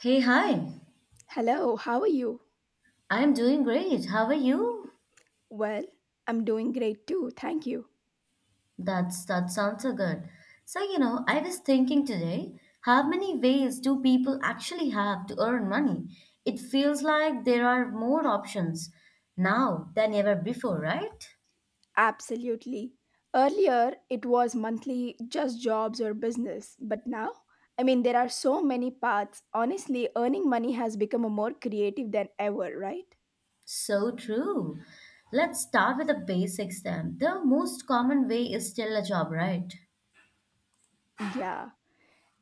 Hey, hi. Hello, how are you? I'm doing great. How are you? Well, I'm doing great too, thank you. That sounds so good. So, I was thinking today, how many ways do people actually have to earn money? It feels like there are more options now than ever before, right? Absolutely. Earlier, it was monthly just jobs or business, but now, I mean, there are so many paths. Honestly, earning money has become a more creative than ever, right? So true. Let's start with the basics then. The most common way is still a job, right? Yeah.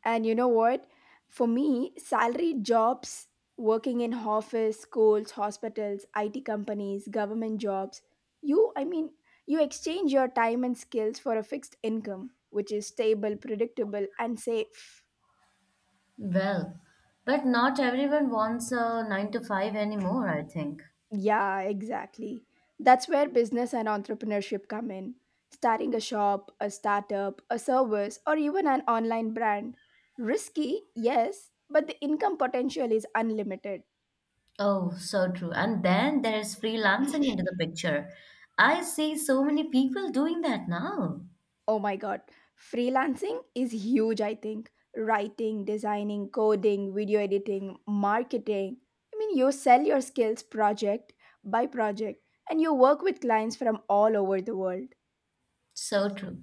And you know what? For me, salary jobs working in office, schools, hospitals, IT companies, government jobs, you I mean, you exchange your time and skills for a fixed income which is stable, predictable and safe. Well, but not everyone wants a 9 to 5 anymore, I think. Yeah, exactly. That's where business and entrepreneurship come in. Starting a shop, a startup, a service or even an online brand. Risky, yes, but the income potential is unlimited. Oh, so true. And then there is freelancing into the picture. I see so many people doing that now. Oh my god, freelancing is huge, I think. Writing, designing, coding, video editing, marketing. I mean, you sell your skills project by project and you work with clients from all over the world. So true.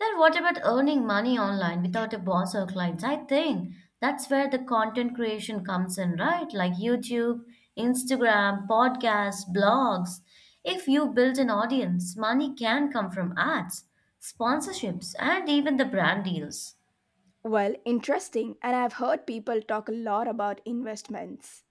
Then what about earning money online without a boss or clients? I think that's where the content creation comes in, right? Like YouTube, Instagram, podcasts, blogs. If you build an audience, money can come from ads, sponsorships, and even the brand deals. Well, interesting, and I've heard people talk a lot about investments.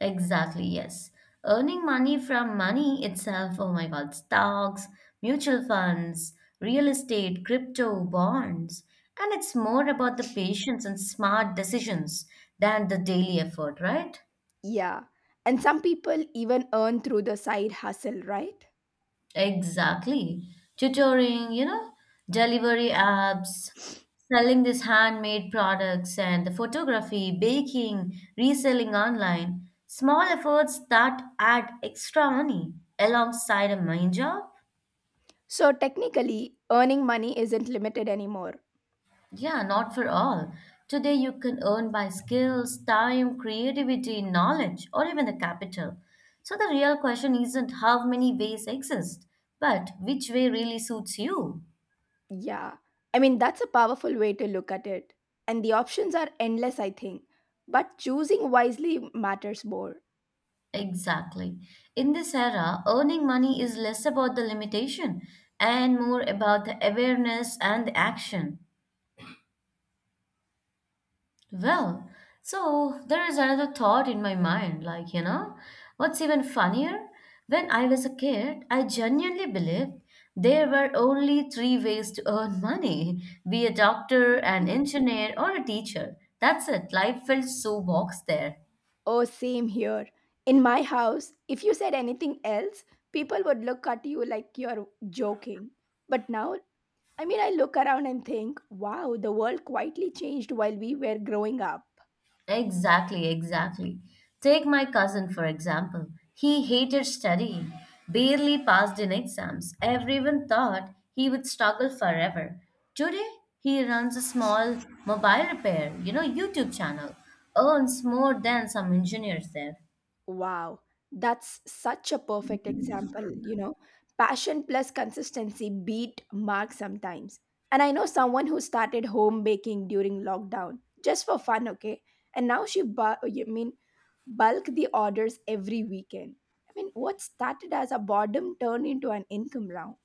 Exactly, yes. Earning money from money itself, oh my God, stocks, mutual funds, real estate, crypto, bonds. And it's more about the patience and smart decisions than the daily effort, right? Yeah, and some people even earn through the side hustle, right? Exactly. Tutoring, delivery apps, selling these handmade products and the photography, baking, reselling online. Small efforts that add extra money alongside a main job. So, technically, earning money isn't limited anymore. Yeah, not for all. Today, you can earn by skills, time, creativity, knowledge, or even the capital. So, the real question isn't how many ways exist, but which way really suits you. Yeah, I mean, that's a powerful way to look at it. And the options are endless, I think. But choosing wisely matters more. Exactly. In this era, earning money is less about the limitation and more about the awareness and the action. Well, so there is another thought in my mind, what's even funnier? When I was a kid, I genuinely believed there were only three ways to earn money, be a doctor, an Mhm. engineer, or a teacher. That's it. Life felt so boxed there. Oh, same here. In my house, if you said anything else, people would look at you like you're joking. But now, I mean, I look around and think, wow, the world quietly changed while we were growing up. Exactly, exactly. Take my cousin, for example. He hated studying, barely passed in exams. Everyone thought he would struggle forever. Today, he runs a small mobile repair, YouTube channel, earns more than some engineers there. Wow, that's such a perfect example. You know, passion plus consistency beat Mark sometimes. And I know someone who started home baking during lockdown just for fun, okay? And now she, bulk the orders every weekend. I mean, what started as a boredom turned into an income round.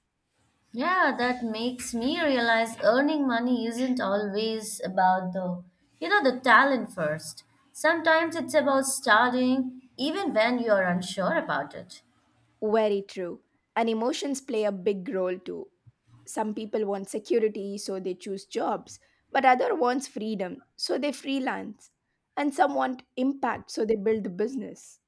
Yeah, that makes me realize earning money isn't always about the talent first. Sometimes it's about starting even when you're unsure about it. Very true. And emotions play a big role too. Some people want security, so they choose jobs, but other wants freedom, so they freelance. And some want impact, so they build the business.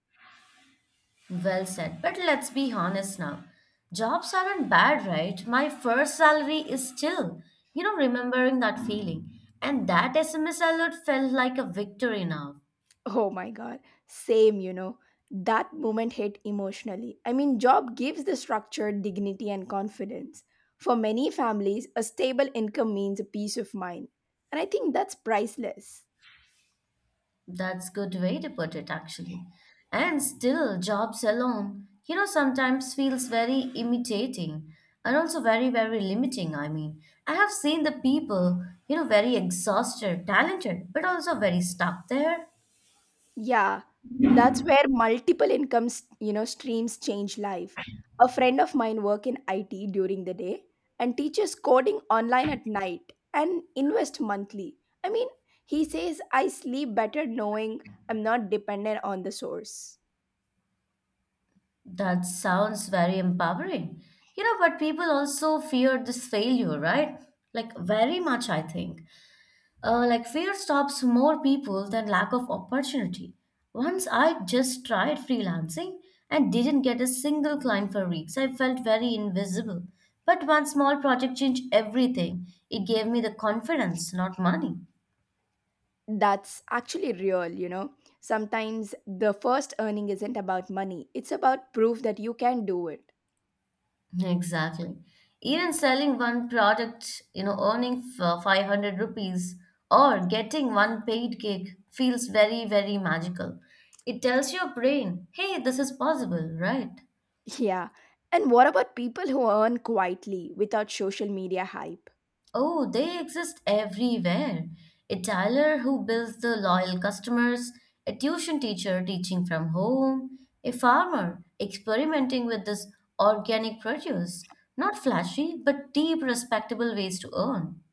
Well said. But let's be honest now. Jobs aren't bad, right? My first salary is still, remembering that feeling. And that SMS alert felt like a victory now. Oh my god, same, you know. That moment hit emotionally. I mean, job gives the structure, dignity, and confidence. For many families, a stable income means a peace of mind. And I think that's priceless. That's good way to put it, actually. And still, jobs alone, sometimes feels very imitating and also very, very limiting. I mean, I have seen the people, very exhausted, talented, but also very stuck there. Yeah, that's where multiple incomes, you know, streams change life. A friend of mine work in IT during the day and teaches coding online at night and invest monthly. I mean, he says I sleep better knowing I'm not dependent on the source. That sounds very empowering. You know, but people also fear this failure, right? Like, very much, I think. Like, fear stops more people than lack of opportunity. Once I just tried freelancing and didn't get a single client for weeks, I felt very invisible. But one small project changed everything. It gave me the confidence, not money. That's actually real, you know. Sometimes the first earning isn't about money. It's about proof that you can do it. Exactly. Even selling one product, 500 rupees or getting one paid gig feels very, very magical. It tells your brain, hey, this is possible, right? Yeah. And what about people who earn quietly without social media hype? Oh, they exist everywhere. A tailor who builds the loyal customers, a tuition teacher teaching from home, a farmer experimenting with this organic produce. Not flashy, but deep, respectable ways to earn.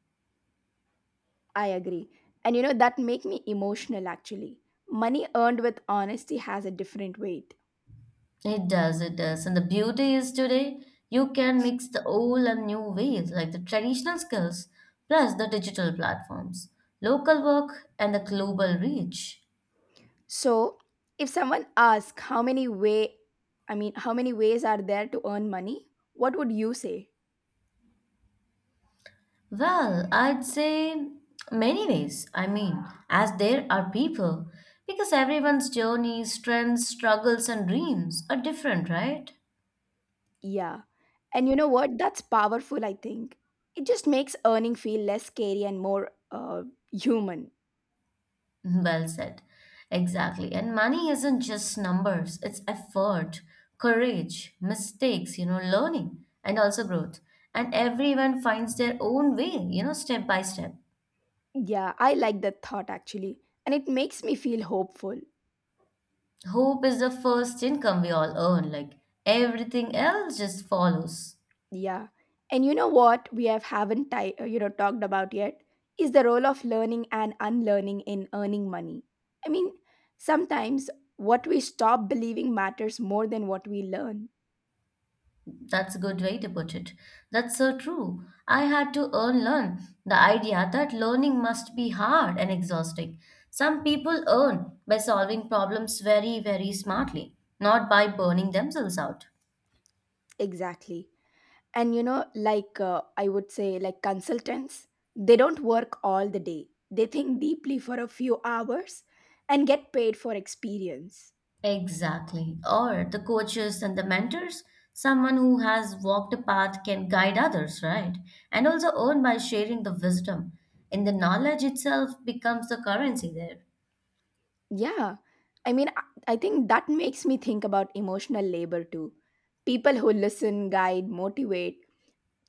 I agree. And you know, that make me emotional actually. Money earned with honesty has a different weight. It does, it does. And the beauty is today, you can mix the old and new ways, like the traditional skills plus the digital platforms, local work, and the global reach. So if someone asks how many way I mean how many ways are there to earn money, what would you say? Well, I'd say many ways. I mean, as there are people, because everyone's journeys, trends, struggles, and dreams are different, right? Yeah. And you know what? That's powerful, I think. It just makes earning feel less scary and more human. Well said. Exactly. And money isn't just numbers, it's effort, courage, mistakes, learning, and also growth. And everyone finds their own way, step by step. Yeah, I like that thought actually. And it makes me feel hopeful. Hope is the first income we all earn, like everything else just follows. Yeah. And you know what we haven't you know talked about yet is the role of learning and unlearning in earning money. I mean, sometimes what we stop believing matters more than what we learn. That's a good way to put it. That's so true. I had to earn learn the idea that learning must be hard and exhausting. Some people earn by solving problems very, very smartly, not by burning themselves out. Exactly. And you know like I would say like consultants, they don't work all the day. They think deeply for a few hours and get paid for experience. Exactly. Or the coaches and the mentors, someone who has walked a path can guide others, right? And also earn by sharing the wisdom. And the knowledge itself becomes the currency there. Yeah. I mean, I think that makes me think about emotional labor too. People who listen, guide, motivate,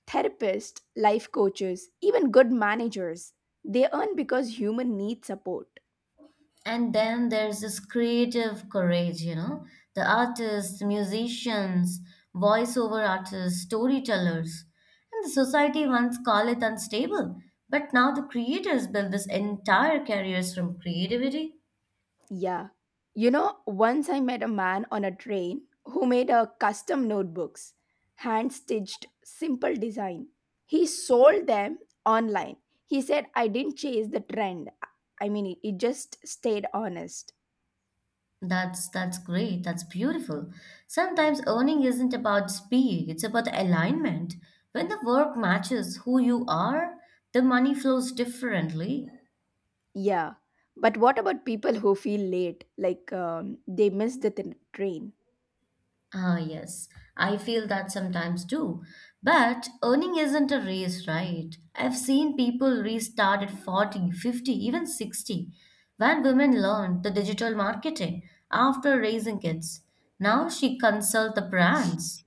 therapists, life coaches, even good managers, they earn because human need support. And then there's this creative courage, the artists, musicians, voiceover artists, storytellers. And the society once called it unstable, but now the creators build this entire careers from creativity. Yeah. You know, once I met a man on a train who made a custom notebooks, hand-stitched, simple design. He sold them online. He said I didn't chase the trend. I mean, it just stayed honest. That's great. That's beautiful. Sometimes earning isn't about speed, it's about alignment. When the work matches who you are, the money flows differently. Yeah. But what about people who feel late, like they miss the train? Ah, yes, I feel that sometimes too. But earning isn't a race, right? I've seen people restart at 40, 50, even 60 when women learned the digital marketing after raising kids. Now she consult the brands.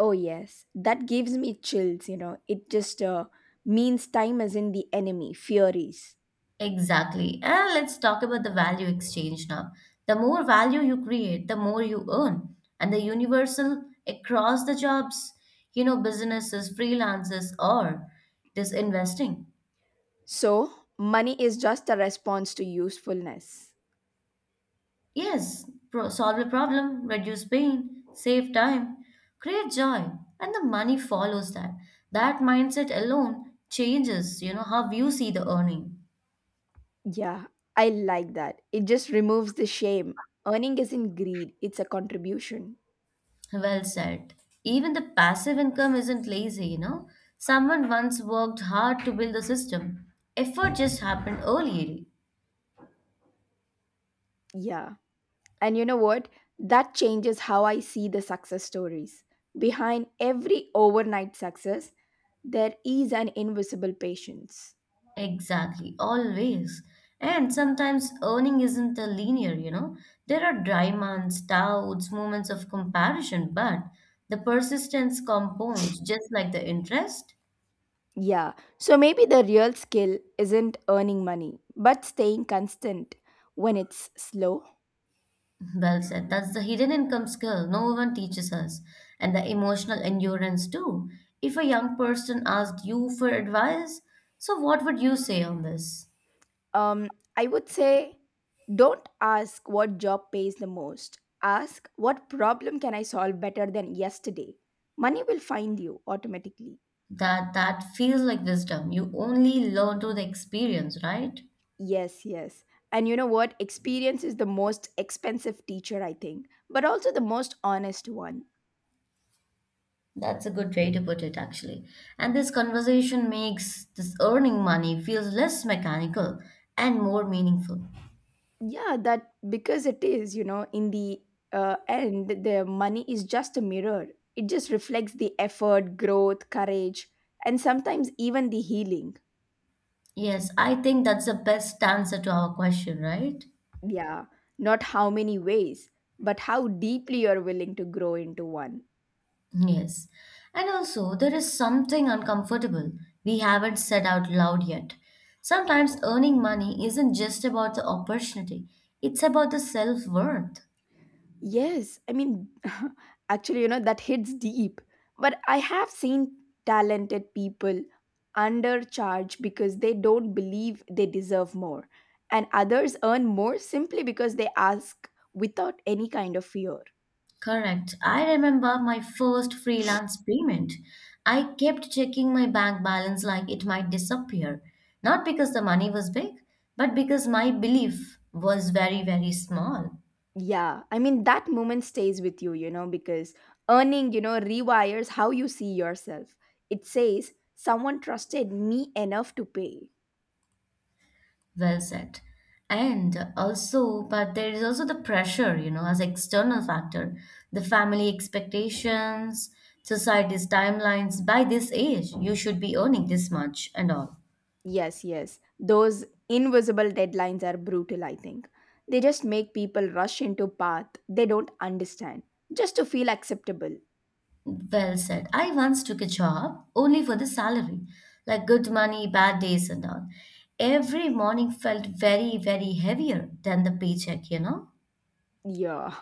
Oh, yes. That gives me chills, you know. It just means time is in the enemy, furies. Exactly. And let's talk about the value exchange now. The more value you create, the more you earn. And the universal across the jobs, businesses, freelancers, or this investing. So, money is just a response to usefulness. Yes, solve a problem, reduce pain, save time, create joy, and the money follows that. That mindset alone changes, how you see the earning. Yeah, I like that. It just removes the shame. Earning isn't greed, it's a contribution. Well said. Even the passive income isn't lazy, you know. Someone once worked hard to build a system. Effort just happened early. Yeah. And you know what? That changes how I see the success stories. Behind every overnight success, there is an invisible patience. Exactly, always. And sometimes earning isn't a linear, you know. There are dry months, doubts, moments of comparison, but the persistence compounds just like the interest. Yeah, so maybe the real skill isn't earning money, but staying constant when it's slow. Well said. That's the hidden income skill no one teaches us, and the emotional endurance too. If a young person asked you for advice, so what would you say on this? Um, I would say don't ask what job pays the most. Ask what problem can I solve better than yesterday. Money will find you automatically. That feels like wisdom. You only learn through the experience, right? Yes, yes. And you know what? Experience is the most expensive teacher, I think, but also the most honest one. That's a good way to put it, actually. And this conversation makes this earning money feels less mechanical and more meaningful. Yeah, that because it is, you know, in the end, the money is just a mirror. It just reflects the effort, growth, courage, and sometimes even the healing. Yes, I think that's the best answer to our question, right? Yeah, not how many ways, but how deeply you're willing to grow into one. Yes. And also, there is something uncomfortable we haven't said out loud yet. Sometimes earning money isn't just about the opportunity, it's about the self worth. Yes, I mean, actually, you know, that hits deep. But I have seen talented people undercharge because they don't believe they deserve more, and others earn more simply because they ask without any kind of fear. Correct. I remember my first freelance payment. I kept checking my bank balance like it might disappear. Not because the money was big, but because my belief was very, very small. Yeah, I mean, that moment stays with you, you know, because earning, you know, rewires how you see yourself. It says, someone trusted me enough to pay. Well said. And also, but there is also the pressure, as external factor, the family expectations, society's timelines. By this age, you should be earning this much and all. Yes, yes. Those invisible deadlines are brutal, I think. They just make people rush into path they don't understand just to feel acceptable. Well said. I once took a job only for the salary, like good money, bad days, and all. Every morning felt very, very heavier than the paycheck, you know? Yeah.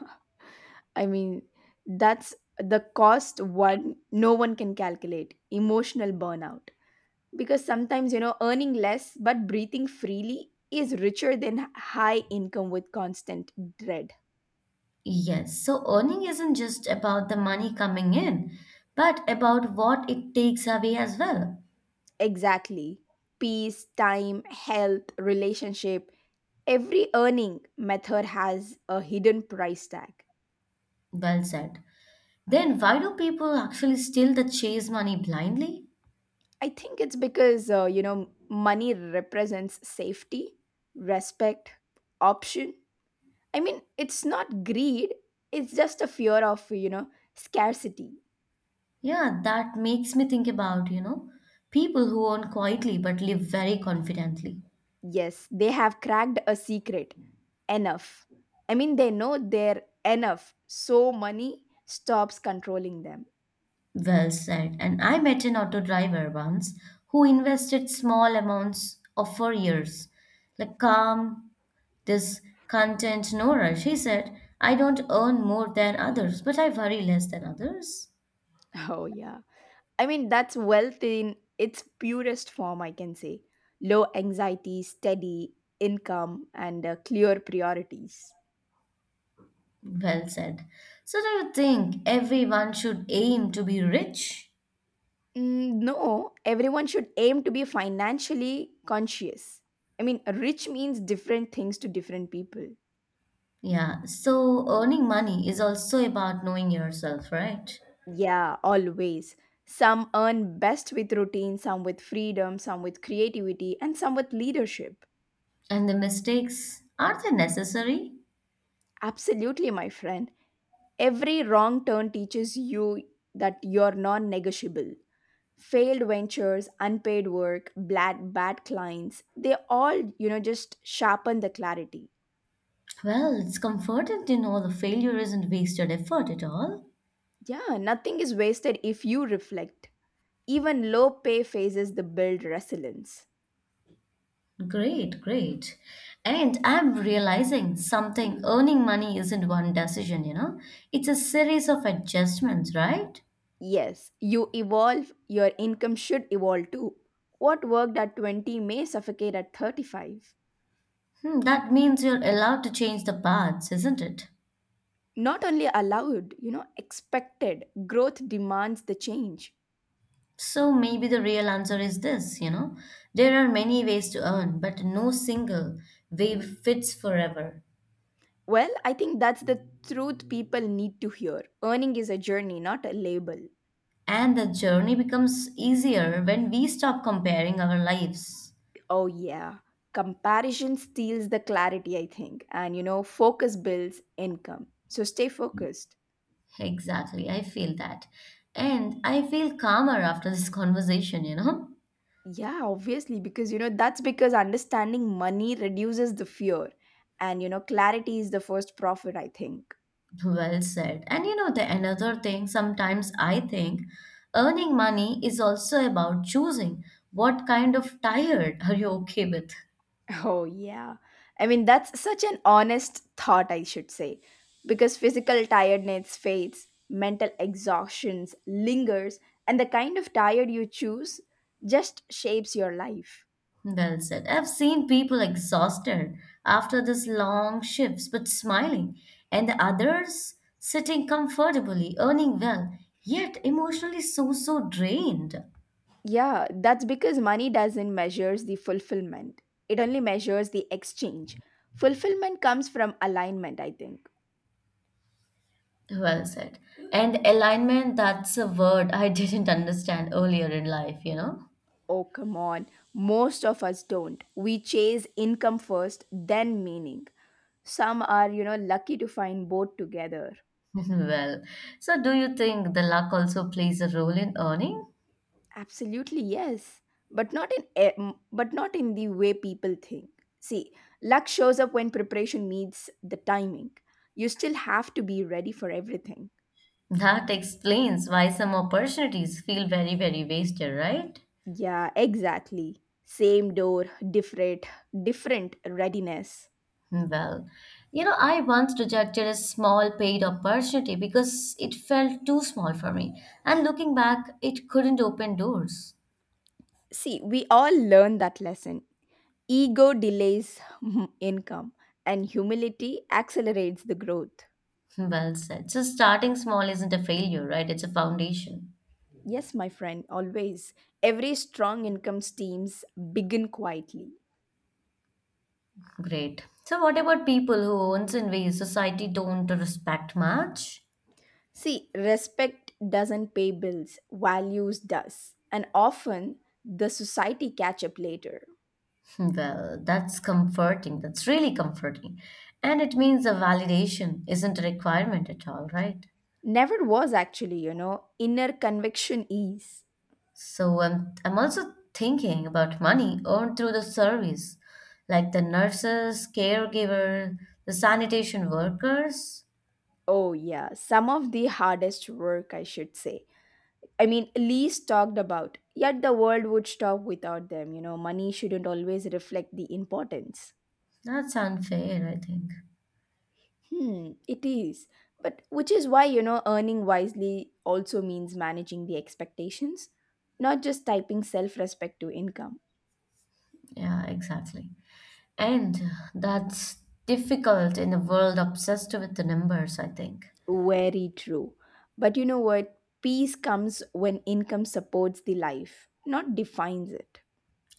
I mean, that's the cost one no one can calculate, emotional burnout. Because sometimes, you know, earning less but breathing freely is richer than high income with constant dread. Yes, so earning isn't just about the money coming in, but about what it takes away as well. Exactly. Peace, time, health, relationship every earning method has a hidden price tag. Well said. Then why do people actually still the chase money blindly? I think it's because, you know, money represents safety, respect, option. I mean, it's not greed, it's just a fear of, you know, scarcity. Yeah, that makes me think about, people who earn quietly but live very confidently. Yes, they have cracked a secret. Enough. I mean, they know they're enough, so money stops controlling them. Well said. And I met an auto driver once who invested small amounts of for years. Like calm, this content, no rush. He said, I don't earn more than others, but I worry less than others. Oh, yeah. I mean, that's wealth in its purest form, I can say. Low anxiety, steady income, and clear priorities. Well said. So do you think everyone should aim to be rich? Mm, no, everyone should aim to be financially conscious. I mean, rich means different things to different people. Yeah, so earning money is also about knowing yourself, right? Yeah, always. Some earn best with routine, some with freedom, some with creativity, and some with leadership. And the mistakes, are they necessary? Absolutely, my friend. Every wrong turn teaches you that you're non negotiable. Failed ventures unpaid work bad clients they all you know just sharpen the clarity. Well, it's comforting to know the failure isn't wasted effort at all. Yeah nothing is wasted if you reflect even low pay phases the build resilience. Great, great. And I'm realizing something earning money isn't one decision, you know? It's a series of adjustments, right? Yes you evolve your income should evolve too. What worked at 20 may suffocate at 35. Hmm, that means you're allowed to change the paths, isn't it? Not only allowed you know expected growth demands the change. So maybe the real answer is this, you know? There are many ways to earn, but no single way fits forever. Well I think that's the truth people need to hear earning is a journey not a label. And the journey becomes easier when we stop comparing our lives. Oh, yeah. Comparison steals the clarity, I think. And, you know, focus builds income. So stay focused. Exactly, I feel that. And I feel calmer after this conversation, you know? Yeah, obviously, because, you know, that's because understanding money reduces the fear. And, you know, clarity is the first profit, I think. Well said. And you know, the another thing, sometimes I think earning money is also about choosing what kind of tired are you okay with. Oh, yeah. I mean, that's such an honest thought, I should say. Because physical tiredness fades, mental exhaustion lingers, and the kind of tired you choose just shapes your life. Well said. I've seen people exhausted after these long shifts but smiling, and the others sitting comfortably, earning well, yet emotionally so, so drained. Yeah, that's because money doesn't measures the fulfillment. It only measures the exchange. Fulfillment comes from alignment, I think. Well said. And alignment, that's a word I didn't understand earlier in life, you know? Oh, come on. Most of us don't. We chase income first, then meaning. Some are, you know, lucky to find both together. Well, so do you think the luck also plays a role in earning? Absolutely, yes. But not in but not in the way people think. See, luck shows up when preparation meets the timing. You still have to be ready for everything. That explains why some opportunities feel very, very wasted, right? Yeah, exactly. Same door, different, different readiness. Well, you know, I once rejected a small paid opportunity because it felt too small for me. And looking back, it couldn't open doors. See, we all learn that lesson. Ego delays income, and humility accelerates the growth. Well said. So starting small isn't a failure, right? It's a foundation. Yes, my friend, always. Every strong income teams begin quietly. Great. So what about people who owns in ways society don't respect much? See, respect doesn't pay bills, values does. And often the society catch up later. Hmm, well, that's comforting. That's really comforting. And it means the validation isn't a requirement at all, right? Never was actually, you know, inner conviction is. So I'm also thinking about money earned through the service, like the nurses, caregiver, the sanitation workers. Oh, yeah, some of the hardest work, I should say. I mean, least talked about, yet the world would stop without them. You know, money shouldn't always reflect the importance. That's unfair, I think. Hmm, it is. But which is why, you know, earning wisely also means managing the expectations, not just typing self respect to income. Yeah, exactly. And that's difficult in a world obsessed with the numbers, I think. Very true. But you know what? Peace comes when income supports the life, not defines it.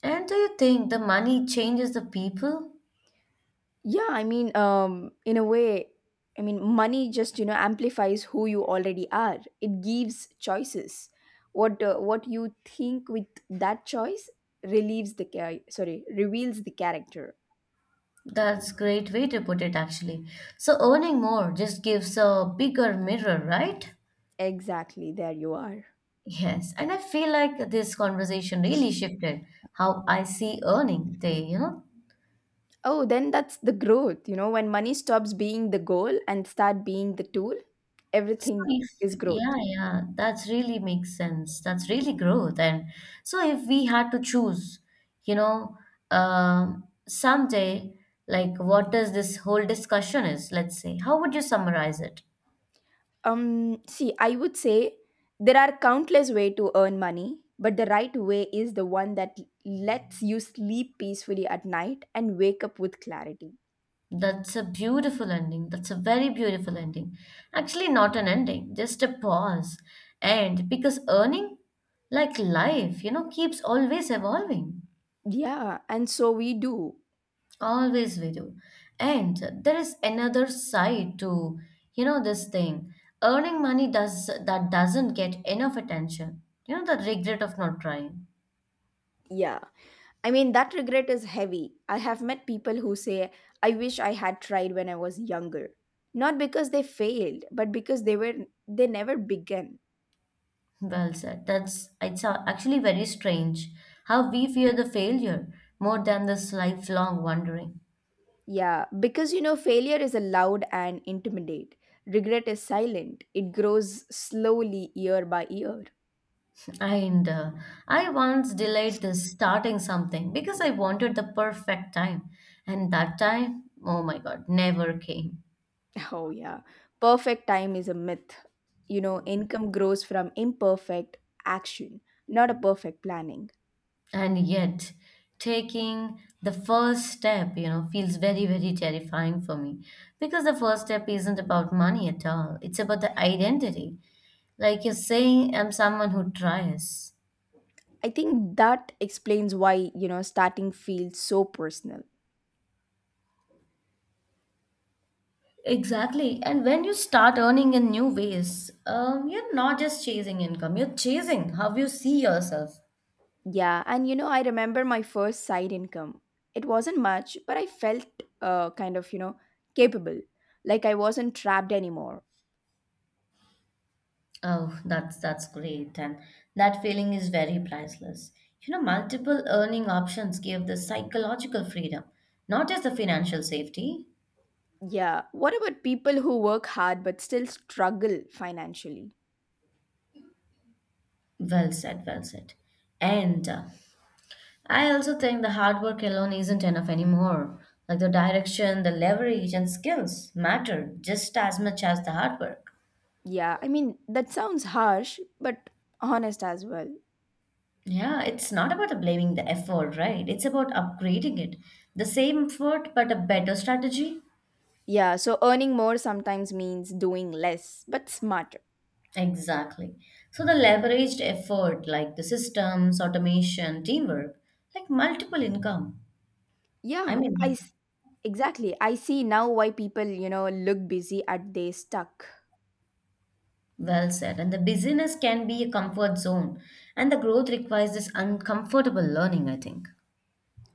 And do you think the money changes the people? Yeah, I mean, in a way, I mean, money just you know amplifies who you already are. It gives choices. What you think with that choice relieves the char- sorry reveals the character. That's great way to put it actually. So earning more just gives a bigger mirror, right? Exactly, there you are. Yes, and I feel like this conversation really shifted how I see earning. They, Oh, then that's the growth. You know, when money stops being the goal and start being the tool, everything If, is growth. yeah, yeah, that's really makes sense. That's really growth. And so, if we had to choose, you know, someday, like what does this whole discussion is, let's say, how would you summarize it? See, I would say there are countless ways to earn money, but the right way is the one that lets you sleep peacefully at night and wake up with clarity. That's a beautiful ending. That's a very beautiful ending. Actually, not an ending, just a pause. And because earning, like life, keeps always evolving. Yeah, and so we do. Always we do. And there is another side to, this thing. Earning money does that doesn't get enough attention. The regret of not trying. Yeah. I mean, that regret is heavy. I have met people who say, I wish I had tried when I was younger. Not because they failed, but because they never began. Well said. That's actually very strange how we fear the failure more than this lifelong wondering. Yeah, because failure is allowed and intimidate. Regret is silent, it grows slowly year by year. And I once delayed this starting something because I wanted the perfect time. And that time, oh my God, never came. Oh, yeah. Perfect time is a myth. Income grows from imperfect action, not a perfect planning. And yet taking the first step, feels very, very terrifying for me, because the first step isn't about money at all. It's about the identity, like you're saying, I'm someone who tries. I think that explains why, starting feels so personal. Exactly. And when you start earning in new ways, you're not just chasing income, you're chasing how you see yourself. Yeah, and you know, I remember my first side income. It wasn't much, but I felt kind of, capable. Like I wasn't trapped anymore. Oh, that's great, and that feeling is very priceless. You know, multiple earning options give the psychological freedom, not just the financial safety. Yeah. What about people who work hard but still struggle financially? Well said, well said. And I also think the hard work alone isn't enough anymore. Like the direction, the leverage, and skills matter just as much as the hard work. Yeah. I mean, that sounds harsh, but honest as well. Yeah, it's not about blaming the effort, right? It's about upgrading it. The same effort, but a better strategy. Yeah. So earning more sometimes means doing less, but smarter. Exactly. So the leveraged effort, like the systems, automation, teamwork, like multiple income. I Yeah. Mean, Exactly. I see now why people, look busy at they stuck. well said. And the busyness can be a comfort zone, and the growth requires this uncomfortable learning, I think.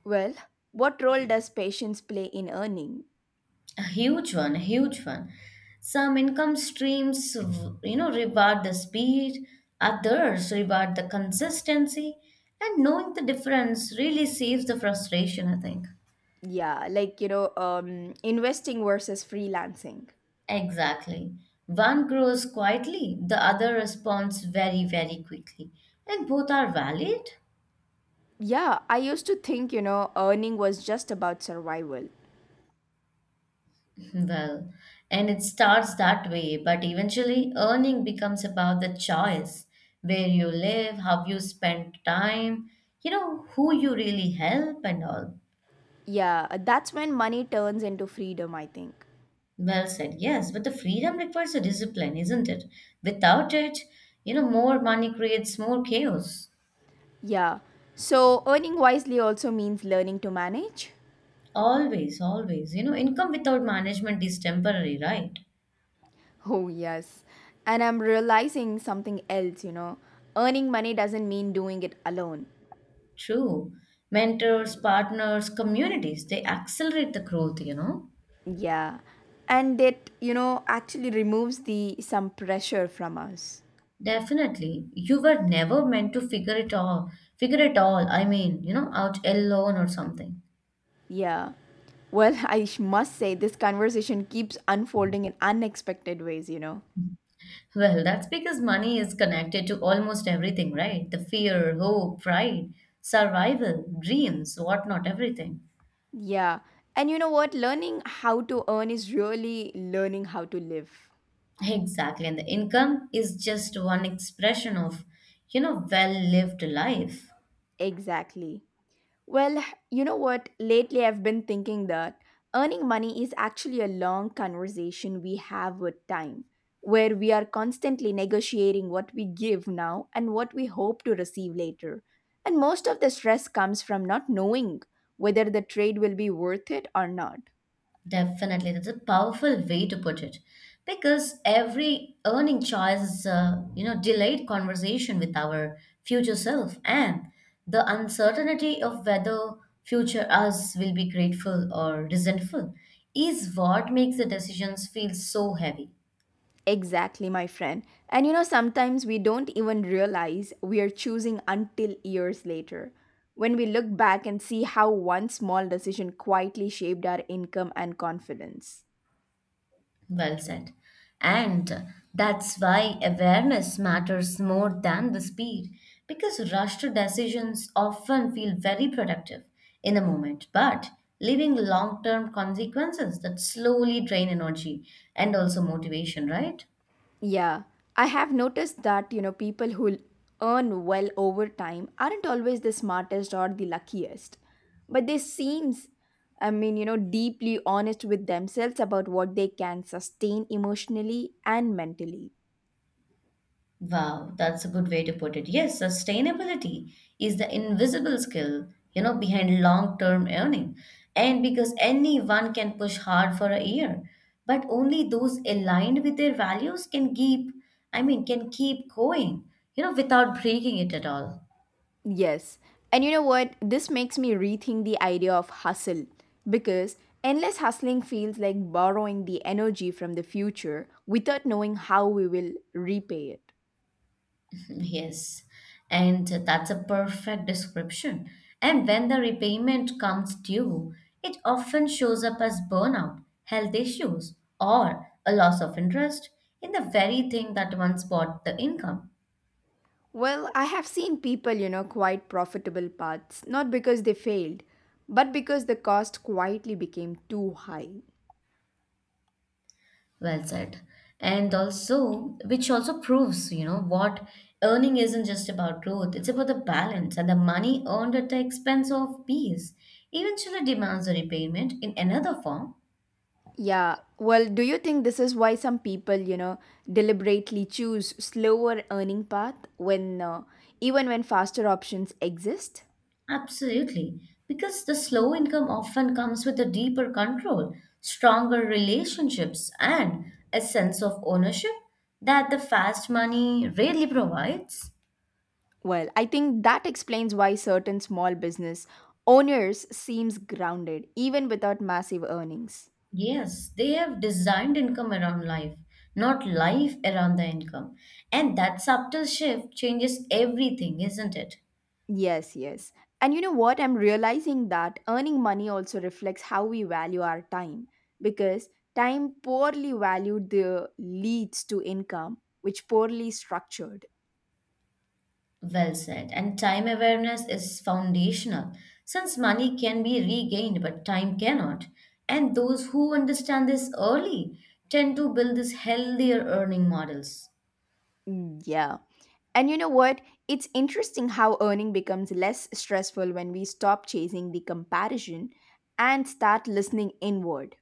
Well, what role does patience play in earning? A huge one, a huge one. Some income streams, you know, reward the speed, others reward the consistency, and knowing the difference really saves the frustration, I think. Yeah, like investing versus freelancing. Exactly. One grows quietly, the other responds very, very quickly. And both are valid? Yeah, I used to think, earning was just about survival. Well, and it starts that way, but eventually earning becomes about the choice: where you live, how you spend time, you know, who you really help, and all. Yeah, that's when money turns into freedom, I think. Well said, yes, but the freedom requires a discipline, isn't it? Without it, you know, more money creates more chaos. Yeah. So, earning wisely also means learning to manage. Always, always. You know, income without management is temporary, right? Oh, yes. And I'm realizing something else, you know. Earning money doesn't mean doing it alone. True. Mentors, partners, communities, they accelerate the growth, you know. Yeah. And it, actually removes the some pressure from us. Definitely. You were never meant to figure it all, you know, out alone or something. Yeah. Well, must say this conversation keeps unfolding in unexpected ways, you know. Well, that's because money is connected to almost everything, right? The fear, hope, pride, survival, dreams, whatnot, everything. Yeah. And you know what? Learning how to earn is really learning how to live. Exactly. And the income is just one expression of, you know, well lived life. Exactly. Well, you know what? Lately, I've been thinking that earning money is actually a long conversation we have with time, where we are constantly negotiating what we give now and what we hope to receive later. And most of the stress comes from not knowing whether the trade will be worth it or not. Definitely. That's a powerful way to put it. Because every earning choice is a, you know, delayed conversation with our future self, and the uncertainty of whether future us will be grateful or resentful is what makes the decisions feel so heavy. Exactly, my friend. And you know, sometimes we don't even realize we are choosing until years later. When we look back and see how one small decision quietly shaped our income and confidence. Well said. And that's why awareness matters more than the speed, because rushed decisions often feel very productive in the moment, but leaving long term consequences that slowly drain energy and also motivation, right? Yeah, I have noticed that, people who earn well over time aren't always the smartest or the luckiest. But they seems deeply honest with themselves about what they can sustain emotionally and mentally. Wow, that's a good way to put it. Yes, sustainability is the invisible skill, you know, behind long-term earning. And because anyone can push hard for a year, but only those aligned with their values can keep, can keep going, you know, without breaking it at all. Yes. And you know what? This makes me rethink the idea of hustle because endless hustling feels like borrowing the energy from the future without knowing how we will repay it. Yes, and that's a perfect description. And when the repayment comes due, it often shows up as burnout, health issues, or a loss of interest in the very thing that once brought the income. Well, I have seen people, quite profitable paths, not because they failed, but because the cost quietly became too high. Well said. And also, which also proves, you know, what earning isn't just about growth, it's about the balance, and the money earned at the expense of peace eventually demands a repayment in another form. Yeah, well, do you think this is why some people, deliberately choose slower earning path when even when faster options exist? Absolutely, because the slow income often comes with a deeper control, stronger relationships, and a sense of ownership that the fast money rarely provides. Well, I think that explains why certain small business owners seems grounded even without massive earnings. Yes, they have designed income around life, not life around the income. And that subtle shift changes everything, isn't it? Yes, yes. And you know what? I'm realizing that earning money also reflects how we value our time because time poorly valued the leads to income which poorly structured. Well said. And time awareness is foundational, since money can be regained, but time cannot. And those who understand this early tend to build these healthier earning models. Mm, yeah. And you know what? It's interesting how earning becomes less stressful when we stop chasing the comparison and start listening inward.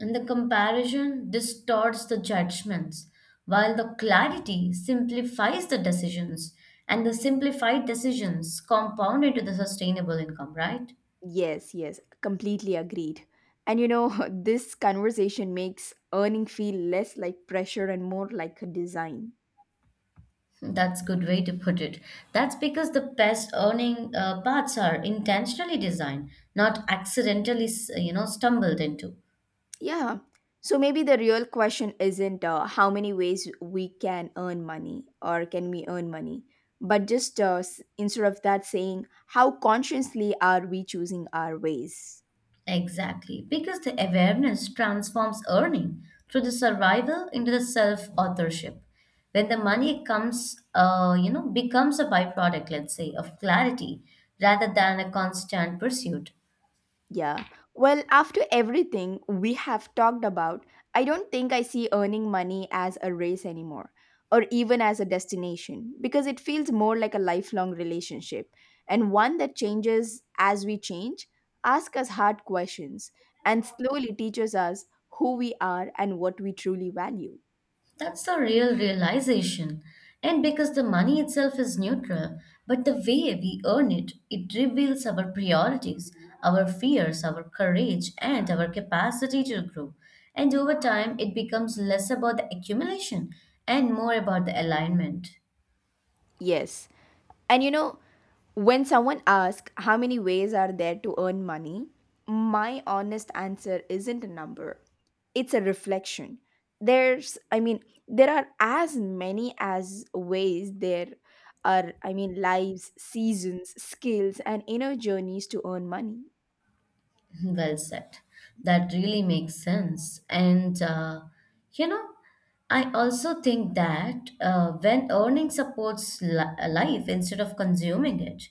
And the comparison distorts the judgments, while the clarity simplifies the decisions. And the simplified decisions compound into the sustainable income, right? Yes, yes, completely agreed. And you know, this conversation makes earning feel less like pressure and more like a design. That's good way to put it. That's because the best earning paths are intentionally designed, not accidentally, you know, stumbled into. Yeah. So maybe the real question isn't how many ways we can earn money or can we earn money, but just instead of that saying, how consciously are we choosing our ways? Exactly, because the awareness transforms earning through the survival into the self-authorship. When the money comes, you know, becomes a byproduct, let's say, of clarity rather than a constant pursuit. Yeah. Well, after everything we have talked about, I don't think I see earning money as a race anymore or even as a destination because it feels more like a lifelong relationship and one that changes as we change, ask us hard questions, and slowly teaches us who we are and what we truly value. That's the real realization. And because the money itself is neutral, but the way we earn it, it reveals our priorities, our fears, our courage, and our capacity to grow. And over time, it becomes less about the accumulation and more about the alignment. Yes, and you know, when someone asks how many ways are there to earn money, my honest answer isn't a number. It's a reflection. There's I mean, there are as many as ways there are lives, seasons, skills and inner journeys to earn money. Well said. That really makes sense. You know, I also think that when earning supports life instead of consuming it,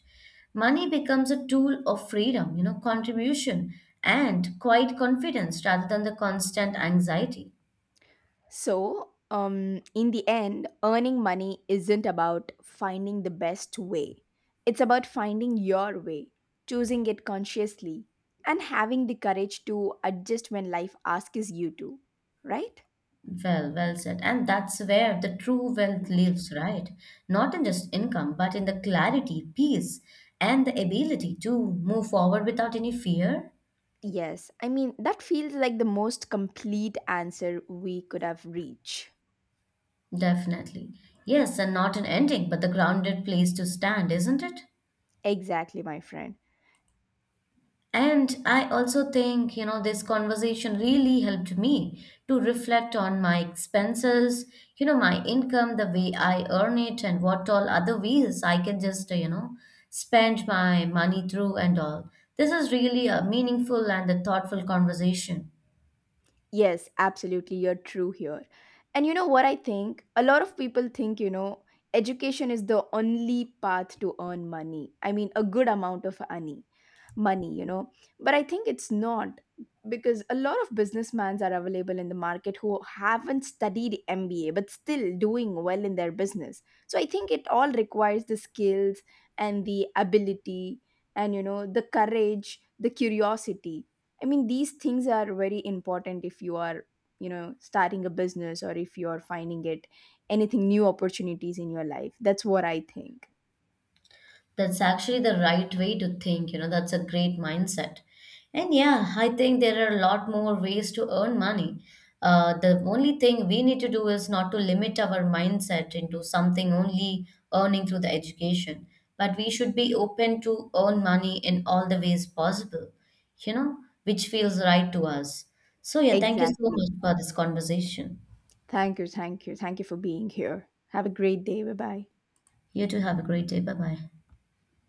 money becomes a tool of freedom, you know, contribution and quiet confidence rather than the constant anxiety. So, in the end, earning money isn't about finding the best way. It's about finding your way, choosing it consciously, and having the courage to adjust when life asks you to, right? Well, well said. And that's where the true wealth lives, right? Not in just income, but in the clarity, peace, and the ability to move forward without any fear. Yes, I mean, that feels like the most complete answer we could have reached. Definitely. Yes, and not an ending, but the grounded place to stand, isn't it? Exactly, my friend. And I also think, you know, this conversation really helped me to reflect on my expenses, you know, my income, the way I earn it, and what all other ways I can just, you know, spend my money through and all. This is really a meaningful and a thoughtful conversation. Yes, absolutely. You're true here. And you know what I think? A lot of people think, education is the only path to earn money. I mean, a good amount of money, you know. But I think it's not because a lot of businessmen are available in the market who haven't studied MBA but still doing well in their business. So I think it all requires the skills and the ability and, you know, the courage, the curiosity I mean, these things are very important if you are, you know, starting a business or if you are finding it anything new opportunities in your life. That's what I think. That's actually the right way to think, you know, that's a great mindset. And yeah, I think there are a lot more ways to earn money. The only thing we need to do is not to limit our mindset into something only earning through the education, but we should be open to earn money in all the ways possible, you know, which feels right to us. So yeah, thank you so Exactly. much for this conversation. Thank you. Thank you. Thank you for being here. Have a great day. Bye bye. You too, have a great day. Bye bye.